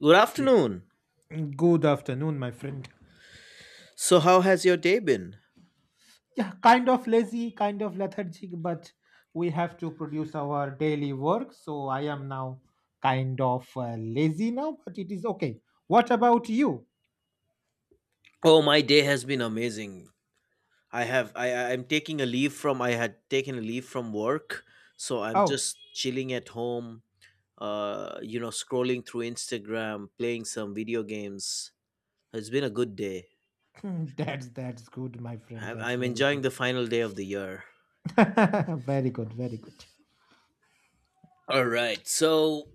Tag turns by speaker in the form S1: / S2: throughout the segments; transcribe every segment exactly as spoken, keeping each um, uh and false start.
S1: Good afternoon.
S2: Good afternoon, my friend.
S1: So how has your day been?
S2: Yeah, kind of lazy, kind of lethargic, but we have to produce our daily work. So I am now kind of uh, lazy now, but it is okay. What about you?
S1: Oh, my day has been amazing. I have I I- I'm taking a leave from I had taken a leave from work, so I'm
S2: Oh,
S1: just chilling at home, uh you know, scrolling through Instagram, playing some video games. It's been a good day.
S2: that's that's good, my friend.
S1: I-
S2: That's
S1: I'm
S2: very
S1: enjoying
S2: good.
S1: the final day of the year.
S2: very good, very good.
S1: All right. So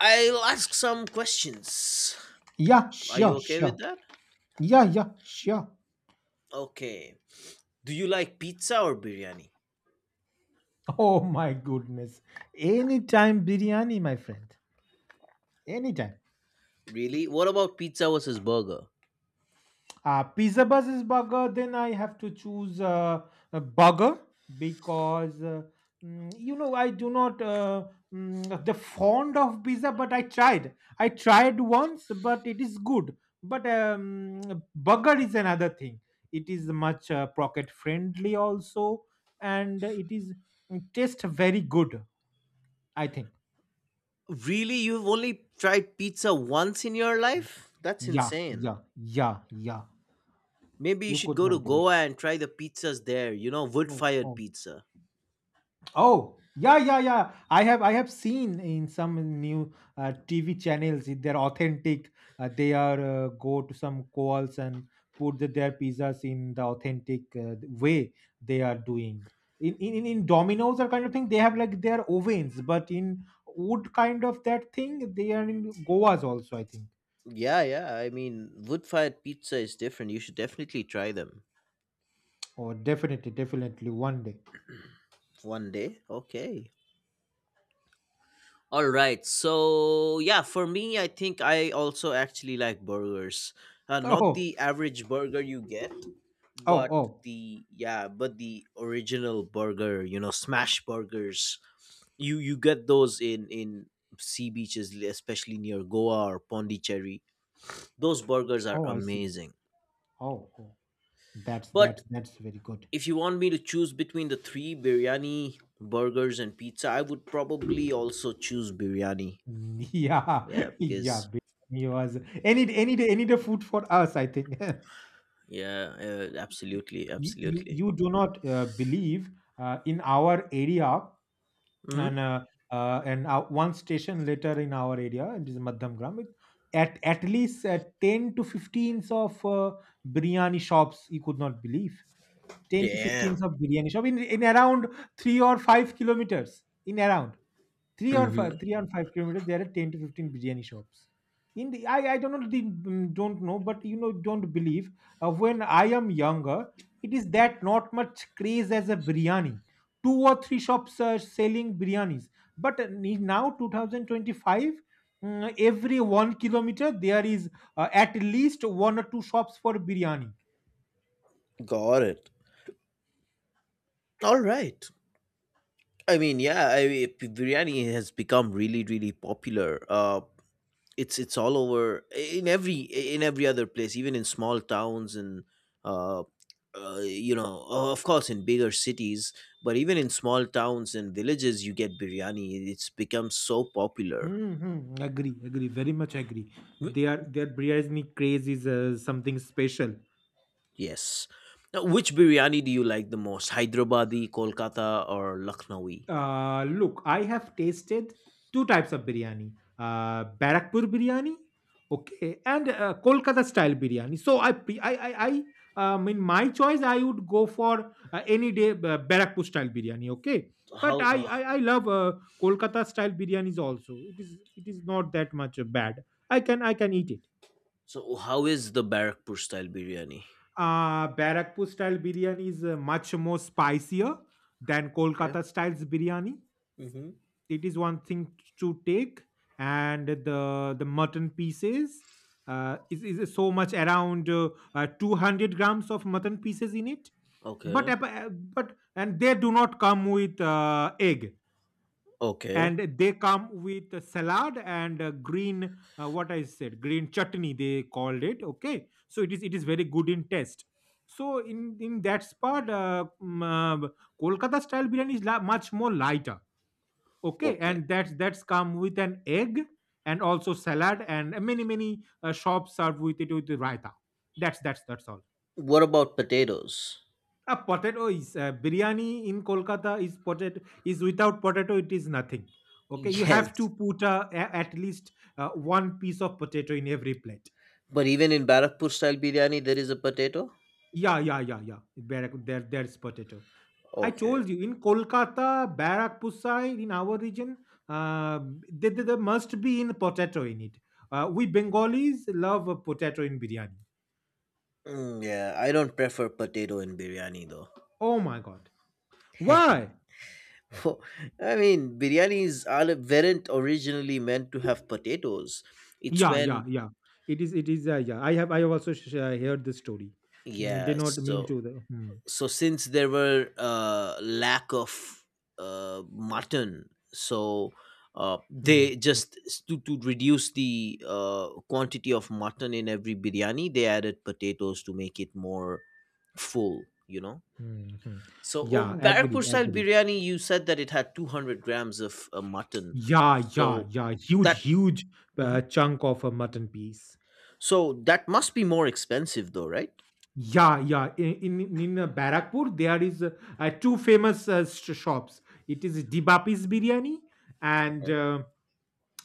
S1: I'll ask some questions.
S2: Yeah,
S1: Are you
S2: sure,
S1: okay with
S2: sure.
S1: that?
S2: Yeah, yeah, sure.
S1: Okay. Do you like pizza or biryani?
S2: Oh my goodness. Anytime biryani, my friend. Anytime.
S1: Really? What about pizza versus burger?
S2: Uh, pizza versus burger, then I have to choose uh, a burger because uh, mm, you know I do not uh, mm, the fond of pizza, but I tried. I tried once, but it is good. But um, burger is another thing. It is much uh, pocket friendly also, and it is mm, taste very good. I think.
S1: Really? You've only tried pizza once in your life? That's
S2: Yeah,
S1: insane.
S2: yeah, yeah, yeah.
S1: Maybe you
S2: You
S1: should
S2: could
S1: go to
S2: not believe.
S1: Goa and try the pizzas there, you know, wood
S2: Oh,
S1: fired
S2: oh.
S1: pizza.
S2: Oh, yeah, yeah, yeah. I have I have seen in some new uh, T V channels if they're authentic. Uh, they are uh, go to some calls and put the, their pizzas in the authentic uh, way they are doing. In, in in in Domino's or kind of thing, they have like their ovens, but in wood kind of that thing, they are in Goa's also, I think.
S1: Yeah, yeah. I mean, wood fired pizza is different. You should definitely try them
S2: Oh, definitely, definitely, one day.
S1: one day. Okay. All right. So, yeah, for me, I think I also actually like burgers. Uh, not the average burger you get,
S2: Oh,
S1: but
S2: oh, oh,
S1: the, yeah, but the original burger, you know, smash burgers you you get those in in sea beaches, especially near Goa or Pondicherry. Those burgers are
S2: oh! I see.
S1: amazing.
S2: Oh, oh, that's
S1: But
S2: that's that's very good.
S1: if you want me to choose between the three, biryani, burgers and pizza, I would probably also choose biryani.
S2: Mm, Yeah,
S1: Yeah,
S2: yeah.
S1: because
S2: Biryani was any d- any day any day food for us. I think.
S1: yeah, uh, absolutely,
S2: You you,
S1: absolutely.
S2: you do not uh, believe uh, in our area, and
S1: Hmm.
S2: uh, uh, and uh, one station later in our area it is Madhyam. At at least uh, ten to fifteens of uh, biryani shops. You could not believe ten to
S1: Damn.
S2: fifteens of biryani shop in in around three or five kilometers in around. 3 or
S1: Hmm.
S2: 5 3 or 5 kilometers, there are ten to fifteen biryani shops. In the i i don't know the, mm, don't know, but you know, don't believe uh, when I am younger, it is that not much craze as a biryani. Two or three shops are selling biryanis, but uh, ni- now twenty twenty-five, mm, every one kilometer there is uh, at least one or two shops for biryani.
S1: Got it. All right. I mean, yeah, I, biryani has become really really popular. uh it's it's all over in every in every other place, even in small towns and, uh, uh you know uh, of course, in bigger cities. But even in small towns and villages you get biryani. It's become so popular.
S2: Mm-hmm. Agree, agree, very much agree.
S1: Wh-
S2: Their their biryani craze is uh, something special.
S1: yes. Now, which biryani do you like the most? Hyderabadi, Kolkata, or Lucknowi?
S2: Uh, look, I have tasted two types of biryani, uh, Barakpur biryani, okay, and uh, Kolkata style biryani. So, I, pre- I, I, I, um, in my choice, I would go for uh, any day uh, Barakpur style biryani, okay. But
S1: how
S2: I,
S1: oh,
S2: I, I love uh, Kolkata style biryanis also. It is it is not that much uh, bad. I can I can eat it.
S1: so how is the Barakpur style biryani?
S2: Uh, Barakpur style biryani is uh, much more spicier than
S1: Okay.
S2: Kolkata style's biryani.
S1: Mm-hmm.
S2: It is one thing to take, and the the mutton pieces uh, is, is so much around uh, uh, two hundred grams of mutton pieces in it. but
S1: Okay.
S2: ap- uh, but and they do not come with uh, egg,
S1: Okay.
S2: and they come with a salad and a green uh, what I said green chutney, they called it. Okay, so it is it is very good in taste. So in in that spot, uh, um, uh, Kolkata style biryani is la- much more lighter, okay,
S1: Okay.
S2: and that's that's come with an egg, and also salad, and many many uh, shops serve with it with the raita. That's that's that's all.
S1: What about potatoes?
S2: A potato is uh, biryani in Kolkata is potato. Is without potato it is nothing. Okay, you have
S1: Yes.
S2: to put uh, a- at least uh, one piece of potato in every plate.
S1: But even in Barakpur style biryani, there is a potato?
S2: Yeah, yeah, yeah, yeah, there, there there's potato. I
S1: Okay.
S2: told you in Kolkata, Barrakpur side, in our region, uh, there, there there must be in potato in it. Uh, we Bengalis love a potato in biryani.
S1: Mm, yeah, I don't prefer potato in biryani though.
S2: Oh my god! Why?
S1: Well, I mean, biryanis are weren't originally meant to have potatoes. It's
S2: Yeah, yeah,
S1: when.
S2: yeah. It is. It is. Uh, yeah. I have. I have also sh- uh, heard the story. Mm, They
S1: Yeah,
S2: not mean
S1: so
S2: to. The, hmm,
S1: so since there were uh, lack of uh, mutton, so uh,
S2: hmm,
S1: they just s- to to reduce the uh, quantity of mutton in every biryani, they added potatoes to make it more full. You know.
S2: hmm, hmm.
S1: So,
S2: Yeah.
S1: um, Barrackpur
S2: Agree.
S1: style
S2: Agree.
S1: biryani, you said that it had two hundred grams of uh, mutton.
S2: Yeah. Yeah.
S1: So
S2: Yeah.
S1: that
S2: Huge. Huge uh,
S1: mhm.
S2: chunk of a mutton piece.
S1: so that must be more expensive though, right?
S2: Yeah, yeah. In in, in uh, Barrackpur, there is uh, uh, two famous uh, sh- shops. It is Dibapis Biryani, and
S1: Okay.
S2: uh,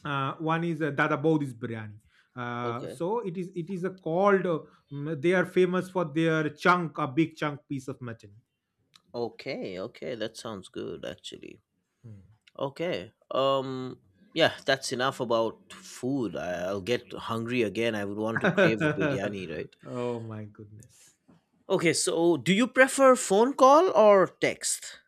S2: uh, one is uh, Dada Bodi's Biryani. Uh,
S1: Okay.
S2: so it is it is uh, called. Uh, mm, they are famous for their chunk, a big chunk piece of mutton.
S1: Okay. Okay. That sounds good actually. Okay. Um yeah, that's enough about food. I, I'll get hungry again. I would want to crave a
S2: Hmm.
S1: biryani, right?
S2: Oh my goodness.
S1: Okay, so do you prefer phone call or text?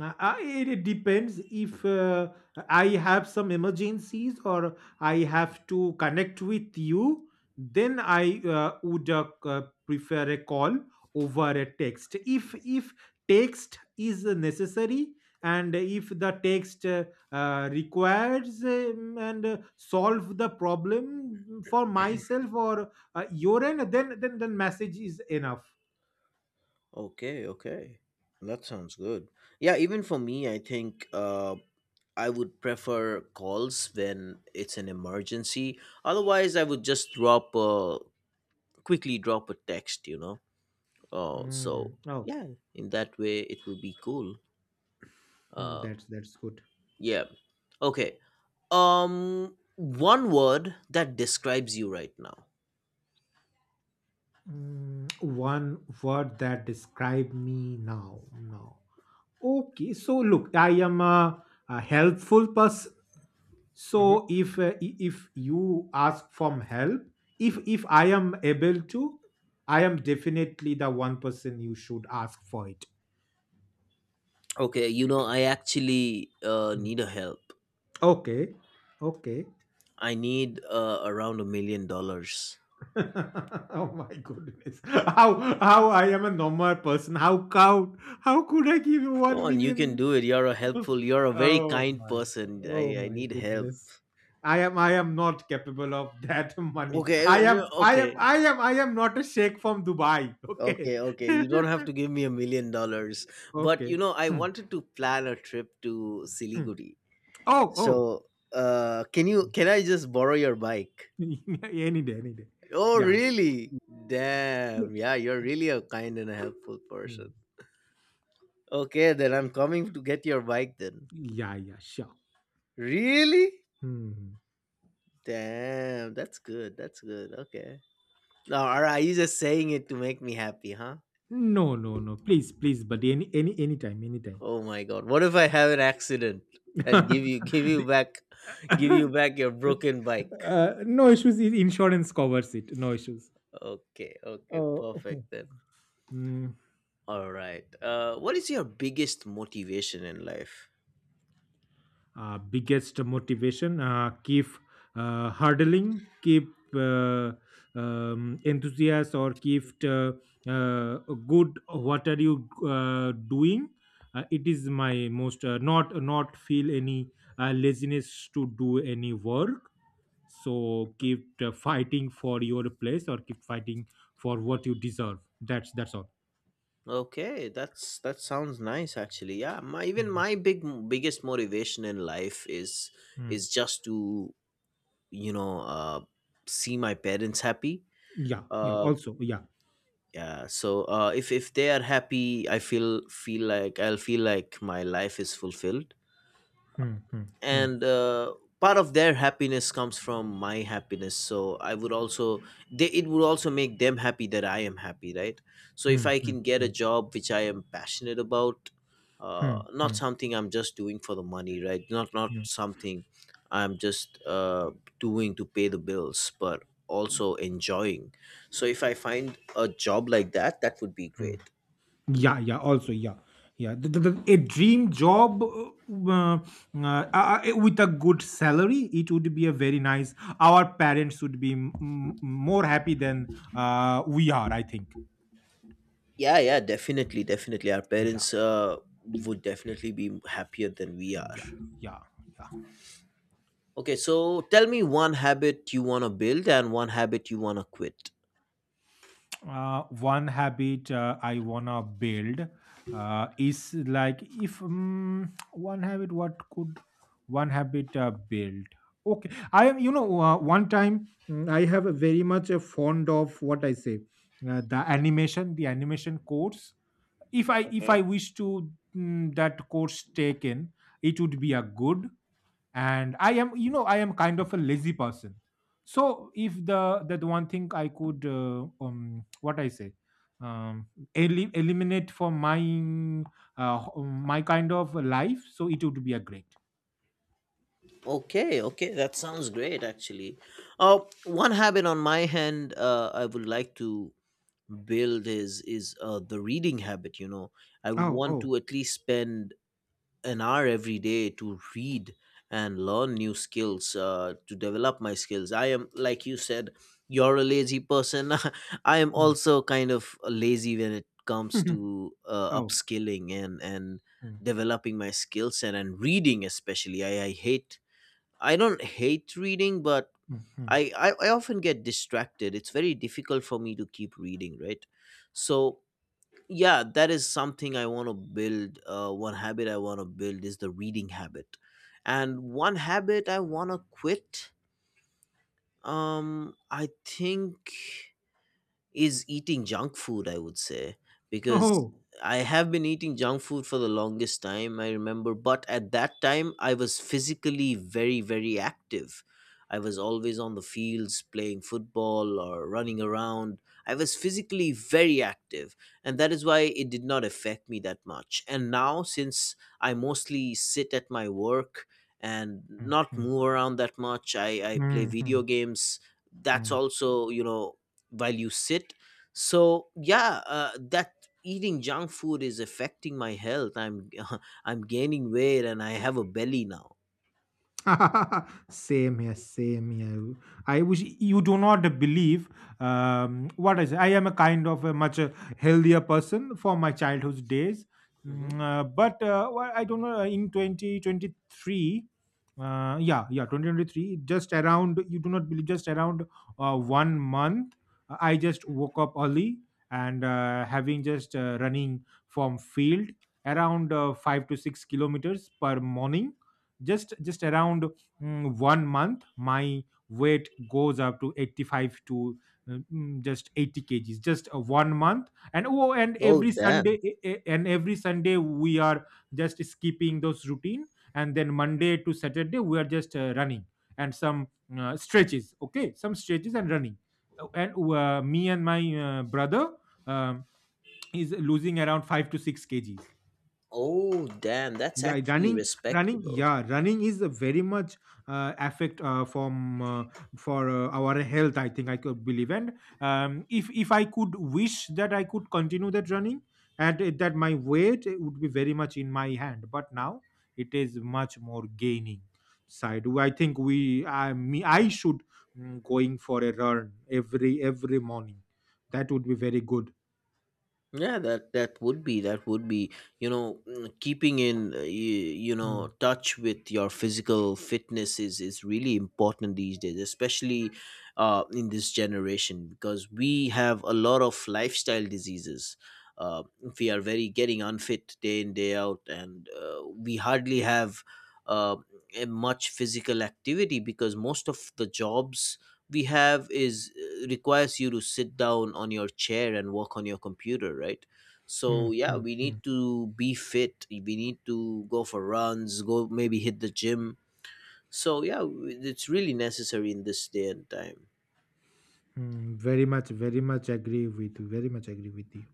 S2: Uh, I, it it depends. If uh, I have some emergencies or I have to connect with you, then I uh, would uh, c- prefer a call over a text. If if text is necessary, and if the text uh, uh, requires um, and uh, solve the problem for myself or uh, your end, then then then message is enough.
S1: Okay, okay. That sounds good. Yeah, even for me, I think uh I would prefer calls when it's an emergency. Otherwise, I would just drop a quickly drop a text, you know. Uh, so
S2: Mm. Oh,
S1: yeah, in that way, it will be cool.
S2: mm,
S1: Uh,
S2: that's that's good.
S1: yeah. Okay. Um, one word that describes you right now.
S2: Mm, one word that describe me now now. Okay, so look, I am a, a helpful person.
S1: Mhm.
S2: So if uh, i- if you ask from help, if if I am able to, I am definitely the one person you should ask for it.
S1: Okay, you know, I actually uh,
S2: Mm.
S1: need a help.
S2: Okay. Okay.
S1: I need uh, around a million dollars.
S2: Oh my goodness. how how I am a normal person. How cow, how could I give you
S1: Come
S2: one
S1: on, you can
S2: million?
S1: do it. You're a helpful. You're a very
S2: Oh
S1: kind
S2: my,
S1: person.
S2: oh
S1: I, I
S2: my
S1: need help.
S2: goodness. I am I am not capable of that money.
S1: Okay,
S2: I am
S1: no,
S2: I am
S1: okay,
S2: I am I am not a sheikh from Dubai. Okay.
S1: okay, okay. You don't have to give me a million dollars, but you
S2: Okay.
S1: know, I
S2: Hmm,
S1: wanted to plan a trip to
S2: hmm.
S1: Siliguri.
S2: Oh, oh.
S1: So, uh, can you can I just borrow your bike?
S2: Any day, any day.
S1: Oh,
S2: Yeah.
S1: really? Damn. Yeah, you're really a kind and a helpful
S2: Hmm.
S1: person. Okay, then I'm coming to get your bike then.
S2: Yeah, yeah, sure.
S1: Really?
S2: Hmm.
S1: Damn, that's good. That's good. Okay. No, all right, you just saying it to make me happy, huh?
S2: No, no, no. Please, please, buddy. Any any anytime, anytime.
S1: Oh my god. What if I have an accident and give you give you back give you
S2: The-
S1: back your broken bike?
S2: uh, No issues. i- Insurance covers it. No issues.
S1: Okay, okay,
S2: Oh.
S1: perfect then. All right. Uh what is your biggest motivation in life?
S2: Uh, biggest motivation, uh, keep uh, hurdling, keep uh, um, enthusiast, or keep uh, uh, good what are you uh, doing. Uh, it is my most uh, not not feel any uh, laziness to do any work. So keep uh, fighting for your place, or keep fighting for what you deserve. That's that's all.
S1: Okay, that's that sounds nice actually. Yeah, my even
S2: Mhm.
S1: my big biggest motivation in life is
S2: Mm.
S1: is just to, you know, uh see my parents happy.
S2: Yeah, yeah,
S1: Uh
S2: also, yeah.
S1: yeah, so, uh, if if they are happy, i feel feel like i'll feel like my life is fulfilled,
S2: Hmm, hmm, hmm,
S1: and uh, part of their happiness comes from my happiness, so I would also they, it would also make them happy that I am happy, right. So if
S2: hmm,
S1: I
S2: hmm,
S1: can get a
S2: hmm,
S1: job which I am passionate about, uh,
S2: hmm,
S1: not
S2: hmm,
S1: something I'm just doing for the money, right, not not
S2: hmm.
S1: something I'm just uh, doing to pay the bills but also enjoying. So if I find a job like that, that would be
S2: Mm.
S1: great.
S2: Yeah, yeah, also, yeah, yeah. The, the, the- a dream job uh, uh, uh, uh, uh, with a good salary, it would be a very nice. Our parents would be m- m- more happy than uh, we are, I think.
S1: Yeah, yeah, definitely definitely our
S2: Yeah,
S1: parents uh, would definitely be happier than we are.
S2: yeah, yeah, yeah.
S1: Okay, so tell me one habit you want to build and one habit you want to quit.
S2: Uh, one habit uh, I wanna build uh, is like if um, one habit, what could one habit uh, build? Okay, I am. You know, uh, one time, mm, I have a very much a fond of what I say, uh, the animation, the animation course. If I if
S1: Okay.
S2: I wish to mm, that course taken, it would be a good. And I am, you know, I am kind of a lazy person. So if the that one thing I could uh, um what I say um eli- eliminate for my uh, my kind of life, so it would be a great.
S1: Okay, okay, that sounds great actually. Uh, one habit on my hand, uh, I would like to build is is uh, the reading habit, you know. I would
S2: Oh,
S1: want
S2: oh,
S1: to at least spend an hour every day to read and learn new skills, uh, to develop my skills. I am, like you said, you're a lazy person. I am
S2: mm,
S1: also kind of lazy when it comes to uh,
S2: oh,
S1: upskilling and and
S2: mm,
S1: developing my skill set. And reading especially, i, I hate I don't hate reading, but
S2: mm, mm.
S1: I, I i often get distracted. It's very difficult for me to keep reading, right? So yeah, that is something I want to build. Uh, one habit I want to build is the reading habit, and one habit I want to quit, um I think, is eating junk food, I would say, because
S2: Oh.
S1: I have been eating junk food for the longest time, I remember. But at that time, I was physically very, very active. I was always on the fields playing football or running around. I was physically very active, and that is why it did not affect me that much. And now, since I mostly sit at my work and
S2: mm,
S1: not
S2: mm,
S1: move around that much, I, I play
S2: mm,
S1: video
S2: mm.
S1: games. That's
S2: mm.
S1: also, you know, while you sit. So yeah, uh, that eating junk food is affecting my health. I'm I'm gaining weight and I have a belly now.
S2: Same here, same here. I wish. You do not believe. Um, what is I am a kind of a much uh, healthier person for my childhood days.
S1: Hmm.
S2: Mm, uh, but uh, well, I don't know, in twenty twenty-three, uh, yeah yeah, twenty twenty-three just around. You do not believe, just around uh, one month, uh, I just woke up early, and uh, having just uh, running from field around uh, five to six kilometers per morning, just just around mm, one month my weight goes up to eighty-five to uh, mm, just eighty kgs, just uh, one month. And oh, and
S1: Oh,
S2: every Sunday,
S1: damn.
S2: eh, eh, and every Sunday we are just skipping those routine, and then Monday to Saturday we are just uh, running and some uh, stretches, okay, some stretches and running. Uh, and uh, me and my uh, brother um, is losing around five to six kgs.
S1: Oh, damn. That's
S2: Yeah,
S1: actually
S2: running running
S1: respectable.
S2: yeah, running is a very much uh, affect uh, from uh, for uh, our health, I think. I could believe. And um, if if I could wish that I could continue that running, and it- that my weight, it would be very much in my hand. But now it is much more gaining side, I think. We i me i should mm, going for a run every every morning. That would be very good.
S1: Yeah, that that would be that would be, you know mm, keeping in uh, you, you know
S2: Mm,
S1: touch with your physical fitness is is really important these days, especially uh in this generation, because we have a lot of lifestyle diseases. uh, we are very getting unfit day in day out, and uh, we hardly have uh, a much physical activity, because most of the jobs we have is uh, requires you to sit down on your chair and work on your computer, right? So
S2: mm,
S1: yeah,
S2: mm,
S1: we need
S2: mm.
S1: to be fit. We need to go for runs, go, maybe hit the gym. So yeah, w- it's really necessary in this day and time.
S2: Mm, very much, very much agree with, very much agree with you.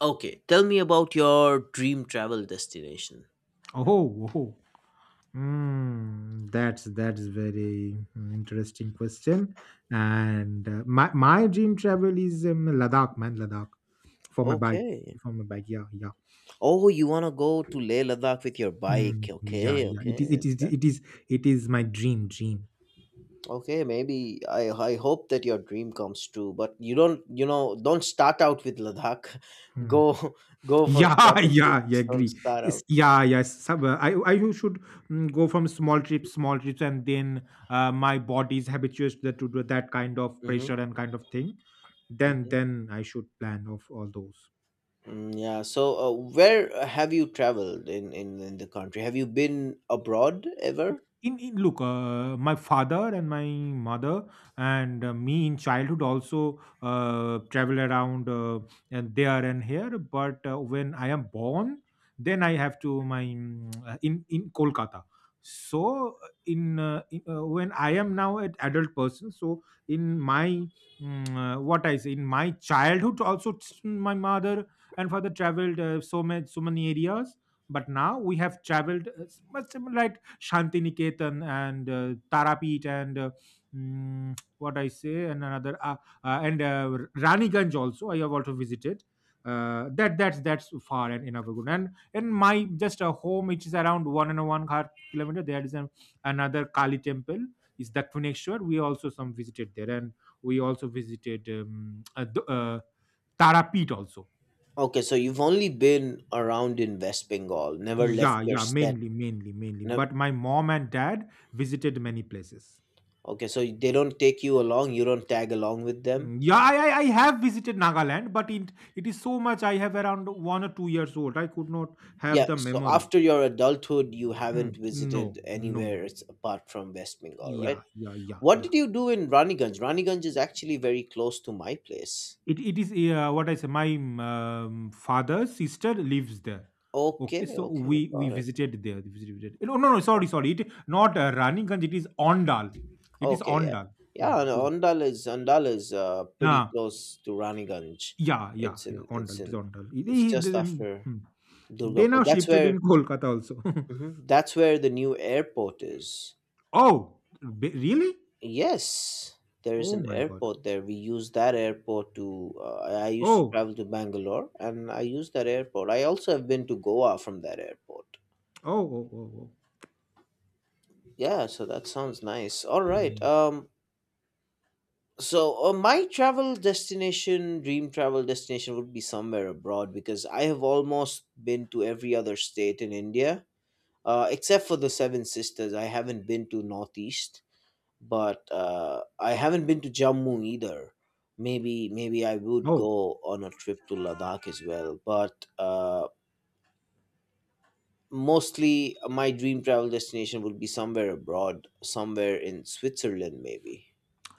S1: Okay, tell me about your dream travel destination.
S2: Oh, oh. Mm, that's that's very mm, interesting question. And uh, my my dream travel is um, Ladakh, man, Ladakh for my bike,
S1: Okay.
S2: for my bike. Yeah, yeah,
S1: Oh, you want to go to Leh Ladakh with your bike.
S2: Mm, yeah,
S1: Okay,
S2: yeah. It is,
S1: okay.
S2: it is, it
S1: That's
S2: is, it is my dream, dream.
S1: okay. Maybe I I hope that your dream comes true, but you don't you know don't start out with Ladakh.
S2: Hmm.
S1: Go go for
S2: Yeah,
S1: shorter
S2: yeah, yeah,
S1: trips. Don't
S2: agree.
S1: start
S2: It's,
S1: out.
S2: yeah, yes. Some, uh, I, I should mm, go from small trips, small trips, and then uh, my body is habituated to, the- to that kind of
S1: Hmm.
S2: pressure and kind of thing. Then,
S1: Hmm.
S2: then I should plan of all those.
S1: Mm, yeah. So, uh, where uh, have you traveled in, in in the country? Have you been abroad ever?
S2: In in look, uh, my father and my mother and uh, me in childhood also uh, travel around uh, and there and here. But uh, when I am born, then I have to my mm, uh, in in Kolkata. So uh, in, uh, in uh, when I am now an adult person, so in my mm, uh, what I say in my childhood also t- my mother and father traveled uh, so much so many areas. But now we have traveled uh, s- much similar Shantiniketan and uh, Tarapet and uh, mm, what I say and another uh, uh, and uh, Raniganj also I have also visited. Uh, that that's that's far and enough good. And in my just a home, it is around one and a one half kilometer. There is an, another Kali temple. Is Dakshineshwar. We also some visited there, and we also visited um, uh, the- uh, Tarapet also.
S1: Okay, so you've only been around in West Bengal. Never left
S2: Yeah,
S1: your
S2: yeah,
S1: set.
S2: mainly, mainly, mainly.
S1: No.
S2: But my mom and dad visited many places.
S1: Okay, so they don't take you along. You don't tag along with them.
S2: Mm, Yeah, I, I, I have visited Nagaland, but it, it is so much. I have around one or two years old. I could not
S1: Yeah,
S2: have the
S1: so
S2: memory.
S1: after your adulthood, you haven't
S2: Mm,
S1: visited
S2: no, no.
S1: anywhere else apart from West Bengal, right?
S2: Yeah, yeah, yeah,
S1: What
S2: yeah.
S1: did you do in Raniganj? Raniganj is actually very close to my place.
S2: It, it is uh, what I say. My um, father's sister lives there. Okay,
S1: Okay,
S2: so
S1: okay,
S2: we we
S1: got it.
S2: visited there. we Visited. No, no, no. Sorry,
S1: Okay,
S2: sorry. It not uh, Raniganj. It is Ondal. It is
S1: okay, yeah,
S2: Ondal.
S1: yeah.
S2: Ondal.
S1: And
S2: it is-
S1: Ondal is Ondal is uh, pretty
S2: Ah,
S1: close to Raniganj.
S2: yeah, yeah,
S1: It's
S2: yeah.
S1: in
S2: Ondal.
S1: it's
S2: It is
S1: in
S2: Ondal. It-
S1: it's
S2: it-
S1: just
S2: then,
S1: after
S2: hmm. They
S1: Durgapur.
S2: now
S1: That's
S2: shifted
S1: where
S2: in Kolkata also.
S1: Mhm, that's where the new airport is.
S2: Oh, b- really?
S1: Yes, there is
S2: Oh
S1: an
S2: my God.
S1: airport there. We use that airport to. Uh, I I used to
S2: Oh,
S1: travel to Bangalore, and I use that airport. I also have been to Goa from that airport.
S2: oh, oh, oh, oh.
S1: Yeah, so that sounds nice. All right.
S2: Mm.
S1: Um. So, uh, my travel destination, dream travel destination, would be somewhere abroad, because I have almost been to every other state in India, uh, except for the Seven Sisters. I haven't been to Northeast. But uh, I haven't been to Jammu either. Maybe maybe I would go
S2: Oh,
S1: on a trip to Ladakh as well. But uh, mostly my dream travel destination would be somewhere abroad, somewhere in Switzerland, maybe.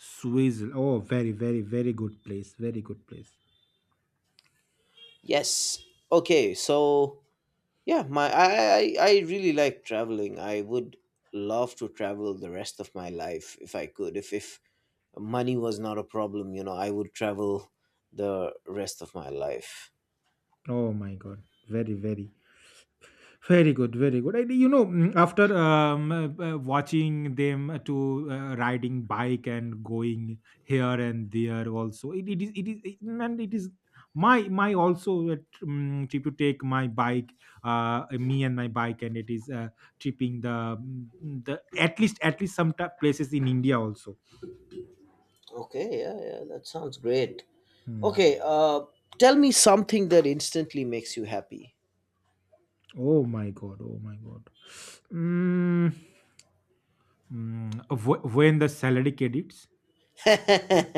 S2: Switzerland. Oh, very, very, very good place. Very good place.
S1: Yes. Okay. So yeah, my I I, I really like traveling. I would love to travel the rest of my life if I could. If if money was not a problem, you know, I would travel the rest of my life.
S2: Oh my God. Very, very. Very good, very good. And, you know, mm, after um, uh, uh, watching them uh, to uh, riding bike and going here and there, also it, it is it is it- and it is my my also a tr- mm trip to take my bike, uh, me and my bike, and it is uh, tripping the mm, the at least at least some ta- places in India also.
S1: Okay, yeah, yeah, that sounds great.
S2: Hmm.
S1: Okay, uh, tell me something that instantly makes you happy.
S2: Oh my god! Oh my god! Mm, mm, wh- when the salary credits.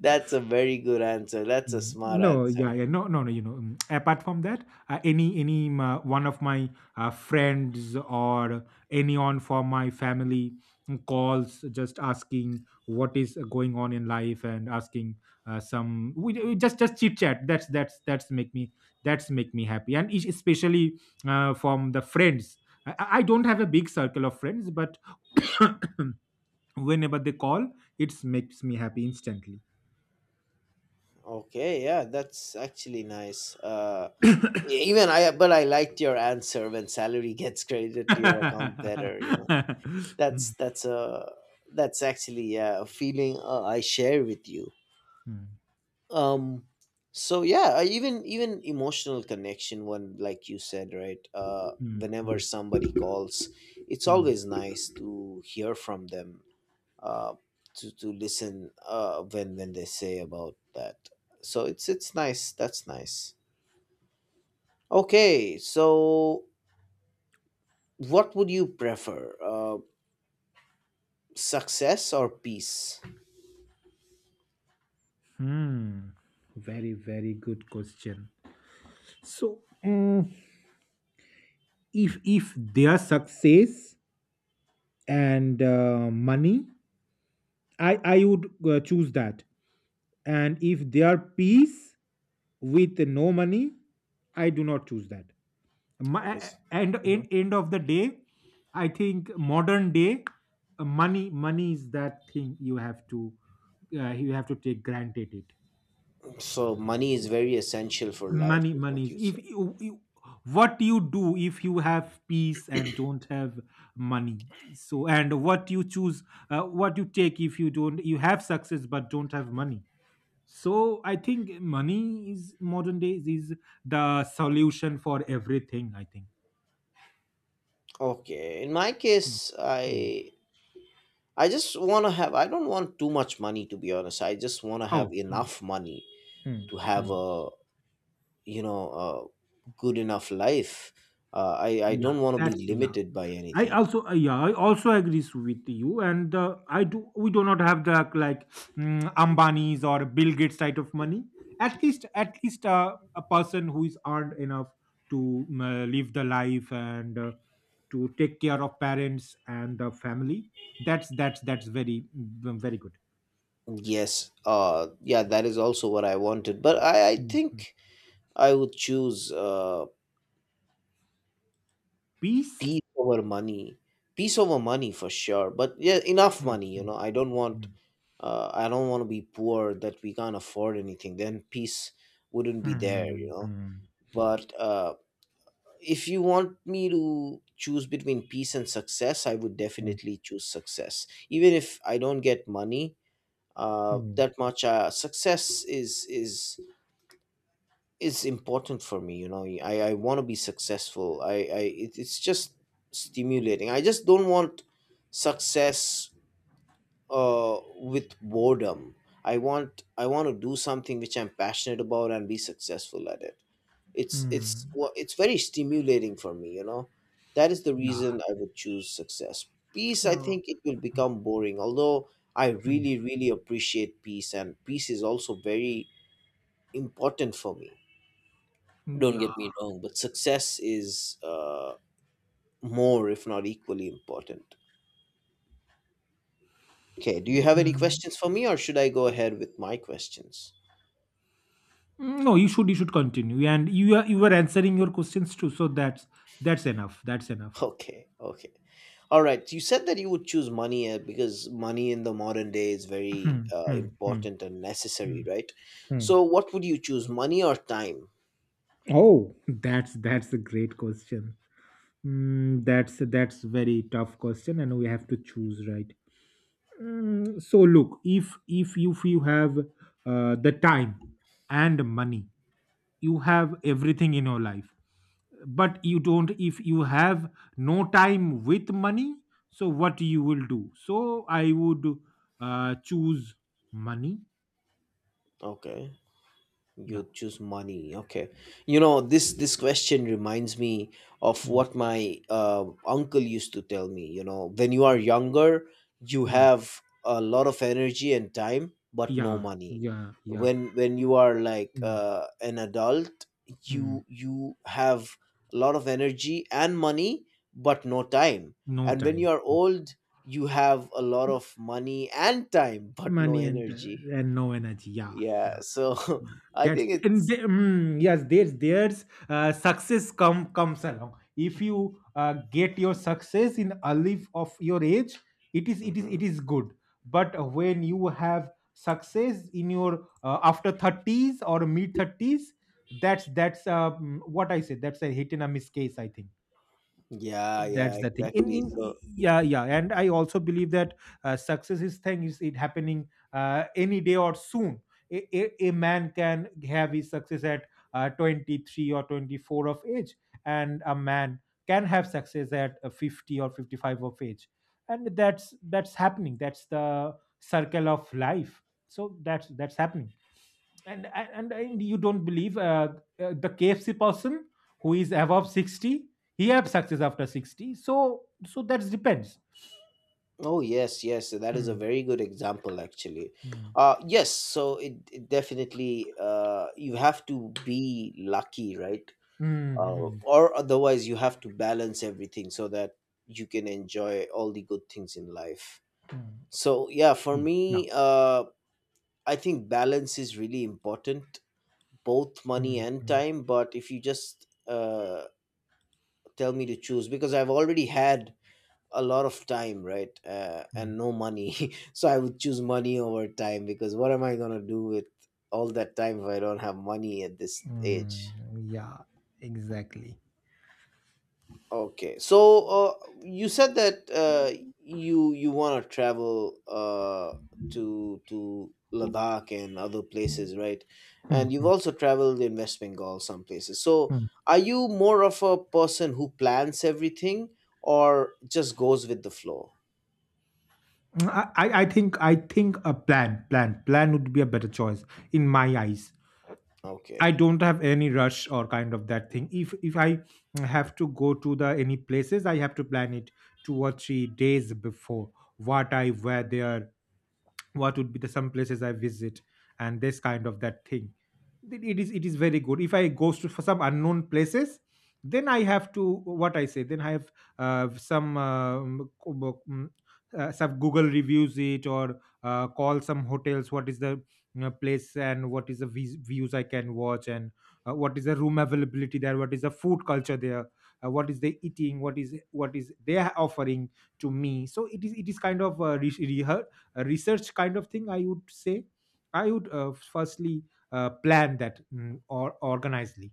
S1: That's a very good answer. That's a
S2: Mm,
S1: smart
S2: No, yeah,
S1: answer.
S2: yeah, no, no, no. You know, mm, apart from that, uh, any any um, uh, one of my uh, friends or anyone from my family mm, calls just asking what is going on in life and asking uh, some we, we just just chit chat. That's that's that's make me that's make me happy, and es- especially uh, from the friends. I, I I don't have a big circle of friends, but whenever they call, it makes me happy instantly.
S1: Okay, yeah, that's actually nice. Uh, e- even I, but I liked your answer when salary gets credited to your account better. You know,
S2: Hmm,
S1: that's that's a that's actually, yeah, a feeling uh, I share with you.
S2: hmm,
S1: um so yeah, uh, even even emotional connection one like you said, right? Uh
S2: hmm,
S1: whenever
S2: hmm,
S1: somebody calls, it's
S2: hmm.
S1: always nice to hear from them. uh to to listen uh when when they say about that. So it's it's nice. That's nice. Okay, so what would you prefer, uh success or peace?
S2: Hmm. Very, very good question. So, mm, if if their success and uh, money, I I would uh, choose that. And if their peace with no money, I do not choose that.
S1: Okay,
S2: My,
S1: so
S2: and
S1: mhm.
S2: end end of the day, I think modern day uh, money money is that thing you have to uh, you have to take granted it.
S1: So money is very essential for life
S2: money
S1: is
S2: money.
S1: what you said.
S2: If you, you- what you do if you have peace and don't have money, so and what you choose, uh, what you take if you don't you have success but don't have money. So I think money is modern days is the solution for everything, I think.
S1: Okay. In my
S2: Mm,
S1: case,
S2: mm.
S1: I I just want to have, I don't want too much money to be honest. I just want to have
S2: oh mm,
S1: enough money
S2: mm,
S1: to have
S2: mm.
S1: a, you know, a good enough life. Uh, I I
S2: Yeah,
S1: don't want to
S2: that's
S1: be
S2: yeah,
S1: limited by
S2: I
S1: anything.
S2: also uh, yeah, I also agree with you and uh, I do we do not have the like mm, Ambani's or Bill Gates type of money. At least at least uh, a person who is earned enough to mm, uh, live the life and uh, to take care of parents and the family. That's that's that's very mm, very good.
S1: Yes. Uh, yeah, that is also what I wanted. But I I
S2: Mm, mm.
S1: think I would choose uh
S2: Peace.
S1: peace over money. Peace over money for sure. But yeah, enough
S2: Mm,
S1: money, you
S2: mm,
S1: know. I don't want,
S2: mm.
S1: uh, I don't want to be poor that we can't afford anything, then peace wouldn't be there, you know.
S2: Mm,
S1: But uh, if you want me to choose between peace and success, I would definitely choose success, even if I don't get money
S2: mm,
S1: uh,
S2: mm,
S1: that much. Uh, success is is is important for me, you know. I I want to be successful. I I it, it's just stimulating. I just don't want success uh, with boredom. I want I want to do something which I'm passionate about and be successful at it.
S2: mm,
S1: It's it's
S2: mm.
S1: wa- it's very stimulating for me, you know. That is the
S2: Yeah.
S1: reason I would choose success. Peace, I
S2: Oh.
S1: think it will become boring. Although I
S2: Mm.
S1: really really appreciate peace, and peace is also very important for me. Don't
S2: Yeah.
S1: get me wrong, but success is, uh, more, if not equally, important. Okay, do you have any
S2: Hmm.
S1: questions for me, or should I go ahead with my questions?
S2: Mm, No, you should you should continue, and you are you were answering your questions too. So that's that's enough. That's enough.
S1: Okay, okay. All right. You said that you would choose money uh, because money in the modern day is very
S2: Hmm,
S1: uh,
S2: hmm, hmm,
S1: important and
S2: hmm,
S1: necessary, right?
S2: hmm.
S1: So, what would you choose, money or time?
S2: Oh, that's that's a great question. Mm, that's that's very tough question, and we have to choose right. Mm, so look, if if you if you have uh, the time and money, you have everything in your life. But you don't, if you have no time with money, so what you will do? So I would uh, choose money.
S1: Okay. You
S2: Yeah.
S1: choose money, okay. You know, this this question reminds me of
S2: Hmm.
S1: what my uh, uncle used to tell me, you know, when you are younger, you
S2: Hmm.
S1: have a lot of energy and time but no
S2: Yeah,
S1: money.
S2: yeah, yeah.
S1: When when you are like
S2: Hmm.
S1: uh, an adult, you
S2: Hmm.
S1: you have a lot of energy and money but no time.
S2: No
S1: And when
S2: time.
S1: you are old, you have a lot of money and time but no
S2: Money and
S1: energy.
S2: uh, and no energy, yeah.
S1: Yeah. So I
S2: That's
S1: think
S2: and
S1: it's
S2: they, mm, yes, there's there's uh, success come comes along. If you uh, get your success in early of your age, it is it is
S1: hmm.
S2: it is good. But when you have success in your uh, after thirties or mid thirties, that's that's uh, mm, what I said. That's a hit and a miss case, I think.
S1: Yeah, yeah,
S2: That's the thing in
S1: exactly.
S2: in
S1: So,
S2: yeah, yeah, and I also believe that uh, success is thing is it happening uh, any day or soon. A, a, a man can have his success at uh, twenty-three or twenty-four of age, and a man can have success at uh, fifty or fifty-five of age. And that's that's happening, that's the circle of life, so that's that's happening. And and, and you don't believe uh, uh, the K F C person who is above sixty, he have success after sixty, so so that depends.
S1: oh yes, yes, so that is a
S2: Hmm,
S1: very good example, actually.
S2: hmm,
S1: Uh, yes, so it, it definitely, uh, you have to be lucky, right?
S2: hmm,
S1: Uh,
S2: hmm,
S1: or otherwise, you have to balance everything so that you can enjoy all the good things in life.
S2: hmm,
S1: So, yeah, for me, uh, I think balance is really important, both money
S2: hmm,
S1: and
S2: hmm,
S1: time. But if you just, uh, tell me to choose, because I've already had a lot of time, right, uh,
S2: hmm.
S1: and no money, so I would choose money over time, because what am I going to do with all that time if I don't have money at this age?
S2: Mm, yeah, exactly.
S1: Okay, so uh, you said that uh, you you want to travel uh, to to Ladakh and other places, right?
S2: Hmm,
S1: And you've
S2: hmm,
S1: also traveled in West Bengal, some places. So
S2: hmm.
S1: are you more of a person who plans everything or just goes with the flow?
S2: I, I I think I think a plan plan plan would be a better choice in my eyes. I
S1: Okay.
S2: don't have any rush or kind of that thing. If if I have to go to the any places, I have to plan it two or three days before, what I wear there, what would be the some places I visit, and this kind of that thing. Th- it is it is very good if I goes to for some unknown places, then I have to what I say, then I have uh, some um, co- bo- mm, uh, some google reviews it or uh, call some hotels what is the uh, place and what is the vis- views I can watch and uh, what is the room availability there, what is the food culture there, uh, what is they eating, what is what is they are offering to me. So it is it is kind of uh, re- a research kind of thing, I would say. I would uh, firstly uh, plan that mm, or organizedly.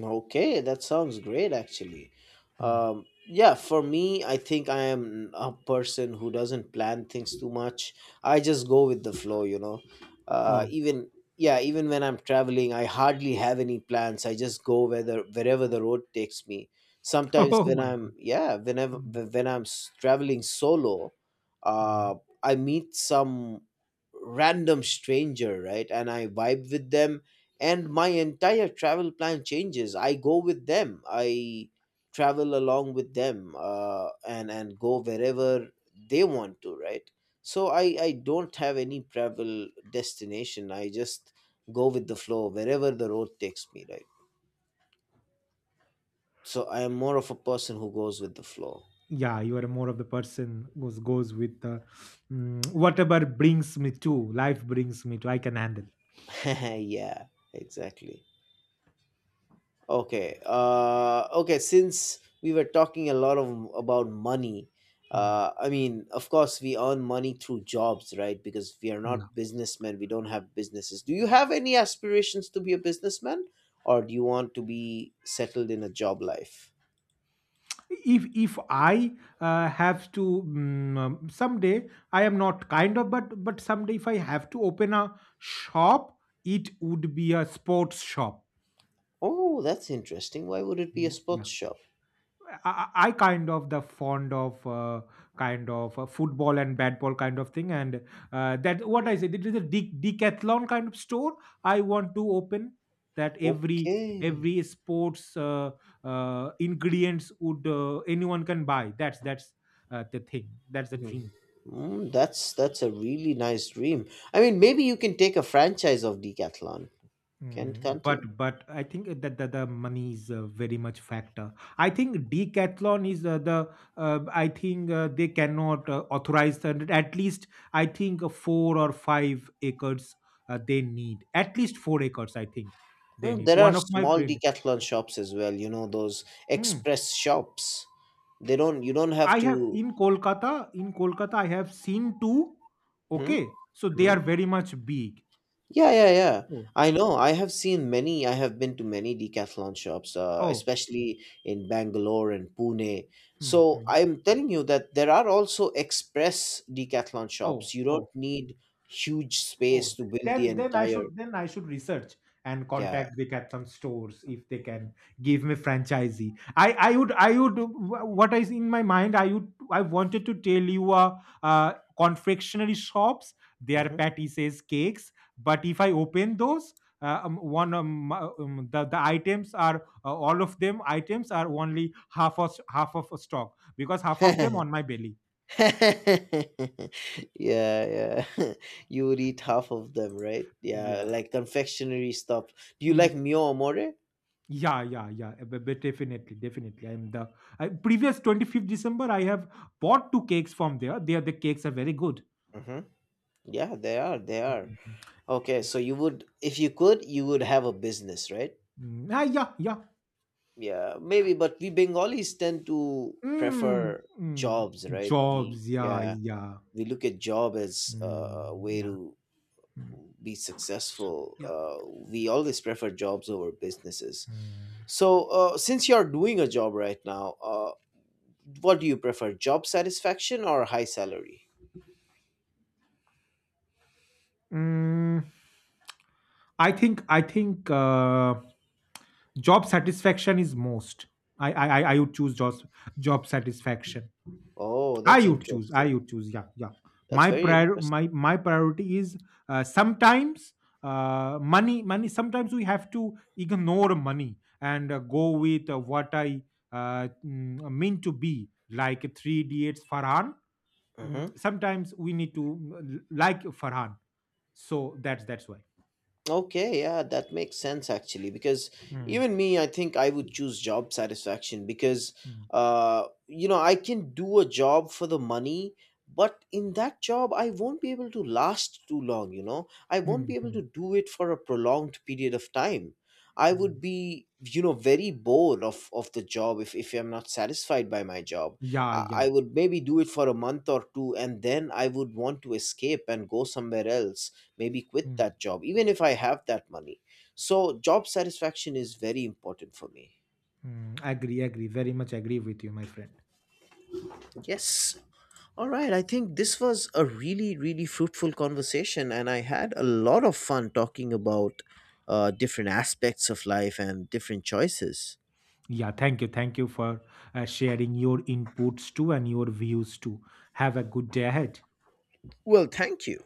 S1: Okay, that sounds great actually.
S2: Hmm.
S1: Um, yeah, for me, I think I am a person who doesn't plan things too much. I just go with the flow, you know. Uh,
S2: Oh.
S1: even yeah, even when I'm traveling, I hardly have any plans. I just go whether wherever the road takes me. Sometimes
S2: Oh
S1: when
S2: my
S1: I'm
S2: god.
S1: yeah, whenever
S2: Mm,
S1: when I'm s- traveling solo,
S2: mm.
S1: uh, I meet some random stranger, right? And I vibe with them, and my entire travel plan changes. I go with them, I travel along with them, uh, and and go wherever they want to, right? So i i don't have any travel destination, I just go with the flow wherever the road takes me, right? So I am more of a person who goes with the flow.
S2: Yeah, you are more of the person who goes with the mm, whatever brings me to, life brings me to, I can handle.
S1: yeah, exactly. Okay. Uh, okay. Since we were talking a lot of about money,
S2: Hmm.
S1: uh, I mean, of course, we earn money through jobs, right? Because we are
S2: Yeah.
S1: not businessmen. We don't have businesses. Do you have any aspirations to be a businessman, or do you want to be settled in a job life?
S2: if if I uh, have to mm, um, someday, I am not kind of, but but someday if I have to open a shop, it would be a sports shop.
S1: Oh, that's interesting. Why would it be a
S2: Mm,
S1: sports
S2: yeah,
S1: shop?
S2: I, I kind of the fond of uh, kind of uh, football and bad ball kind of thing, and uh, that what I said, it is a de- decathlon kind of store. I want to open that every
S1: Okay.
S2: every sports uh, uh, ingredients would uh, anyone can buy. That's that's uh, the thing. That's the
S1: Hmm.
S2: dream.
S1: Mm, that's that's a really nice dream. I mean, maybe you can take a franchise of Decathlon, can't
S2: Mm,
S1: can't
S2: but
S1: you?
S2: but I think that the, the money is uh, very much factor. I think Decathlon is uh, the uh, I think uh, they cannot uh, authorize that. At least I think uh, four or five acres uh, they need. At least four acres I think they
S1: Mm,
S2: need.
S1: there are
S2: One of my
S1: small
S2: friend.
S1: Decathlon shops as well, you know, those
S2: Mm,
S1: express shops. They don't, you don't have
S2: I have
S1: to.
S2: in Kolkata. In Kolkata I have seen two.
S1: Hmm?
S2: Okay, so they are
S1: Hmm?
S2: very much big.
S1: Yeah, yeah, yeah.
S2: Oh,
S1: I know. I have seen many, I have been to many Decathlon shops, uh,
S2: oh,
S1: especially in Bangalore and Pune.
S2: hmm,
S1: So
S2: hmm.
S1: I'm telling you that there are also express Decathlon
S2: Oh,
S1: shops. You don't
S2: oh.
S1: need huge space
S2: Oh,
S1: to build the
S2: then then I
S1: entire.
S2: should then I should research and
S1: Yeah.
S2: contact the some stores if they can give me franchisee. I I would I would, what is in my mind, I would, I wanted to tell you uh, uh confectionery shops, they are
S1: Hmm.
S2: says cakes. But if I open those uh, um, one um, uh, um, the the items are uh, all of them items are only half of half of stock because half of them on my belly.
S1: yeah, yeah. you would eat half of them, right? Yeah,
S2: Yeah.
S1: like confectionery stuff. Do you like Mio Amore?
S2: Yeah, yeah, yeah. uh, but- but Definitely, definitely. I'm the I, previous twenty-fifth December. I have bought two cakes from there. There, the cakes are very good.
S1: Mm-hmm. Yeah, they are. They are.
S2: Mhm.
S1: Okay, so you would, if you could, you would have a business, right?
S2: Mm, ah, yeah, yeah.
S1: Yeah, maybe. But we Bengalis tend to
S2: Mm,
S1: prefer
S2: mm.
S1: jobs, right? We
S2: Jobs, yeah,
S1: yeah,
S2: yeah.
S1: we look at job as
S2: Mm,
S1: uh, a way
S2: yeah,
S1: to
S2: mm,
S1: be successful.
S2: yeah.
S1: Uh, we always prefer jobs over businesses.
S2: Mm.
S1: So, uh, since you are doing a job right now, uh, what do you prefer, job satisfaction or high salary?
S2: Mm, I think, I think uh, job satisfaction is most. I, I, I I would choose job, job satisfaction.
S1: Oh, that's
S2: I would choose. I
S1: interesting.
S2: would choose. Yeah, yeah.
S1: That's
S2: My
S1: very
S2: prior
S1: interesting.
S2: my my priority is uh, sometimes uh, money money. Sometimes we have to ignore money and uh, go with uh, what I uh, mm, mean to be, like three idiots Farhan. Mm,
S1: Mhm.
S2: sometimes we need to mm, l- like Farhan. So that's that's why.
S1: Okay, yeah, that makes sense actually. Because
S2: Hmm,
S1: even me, I think I would choose job satisfaction because,
S2: hmm,
S1: uh, you know, I can do a job for the money, but in that job, I won't be able to last too long, you know, I won't
S2: hmm,
S1: be able
S2: hmm,
S1: to do it for a prolonged period of time. I would
S2: hmm.
S1: be, you know, very bored of, of the job if, if I'm not satisfied by my job.
S2: Yeah,
S1: I,
S2: yeah.
S1: I would maybe do it for a month or two and then I would want to escape and go somewhere else, maybe quit
S2: Hmm,
S1: that job even if I have that money. So job satisfaction is very important for me.
S2: hmm. Agree, agree. Very much agree with you, my friend.
S1: Yes. All right, I think this was a really really fruitful conversation and I had a lot of fun talking about uh, different aspects of life and different choices.
S2: Yeah, thank you. Thank you for uh, sharing your inputs too and your views too. Have a good day ahead.
S1: Well, thank you.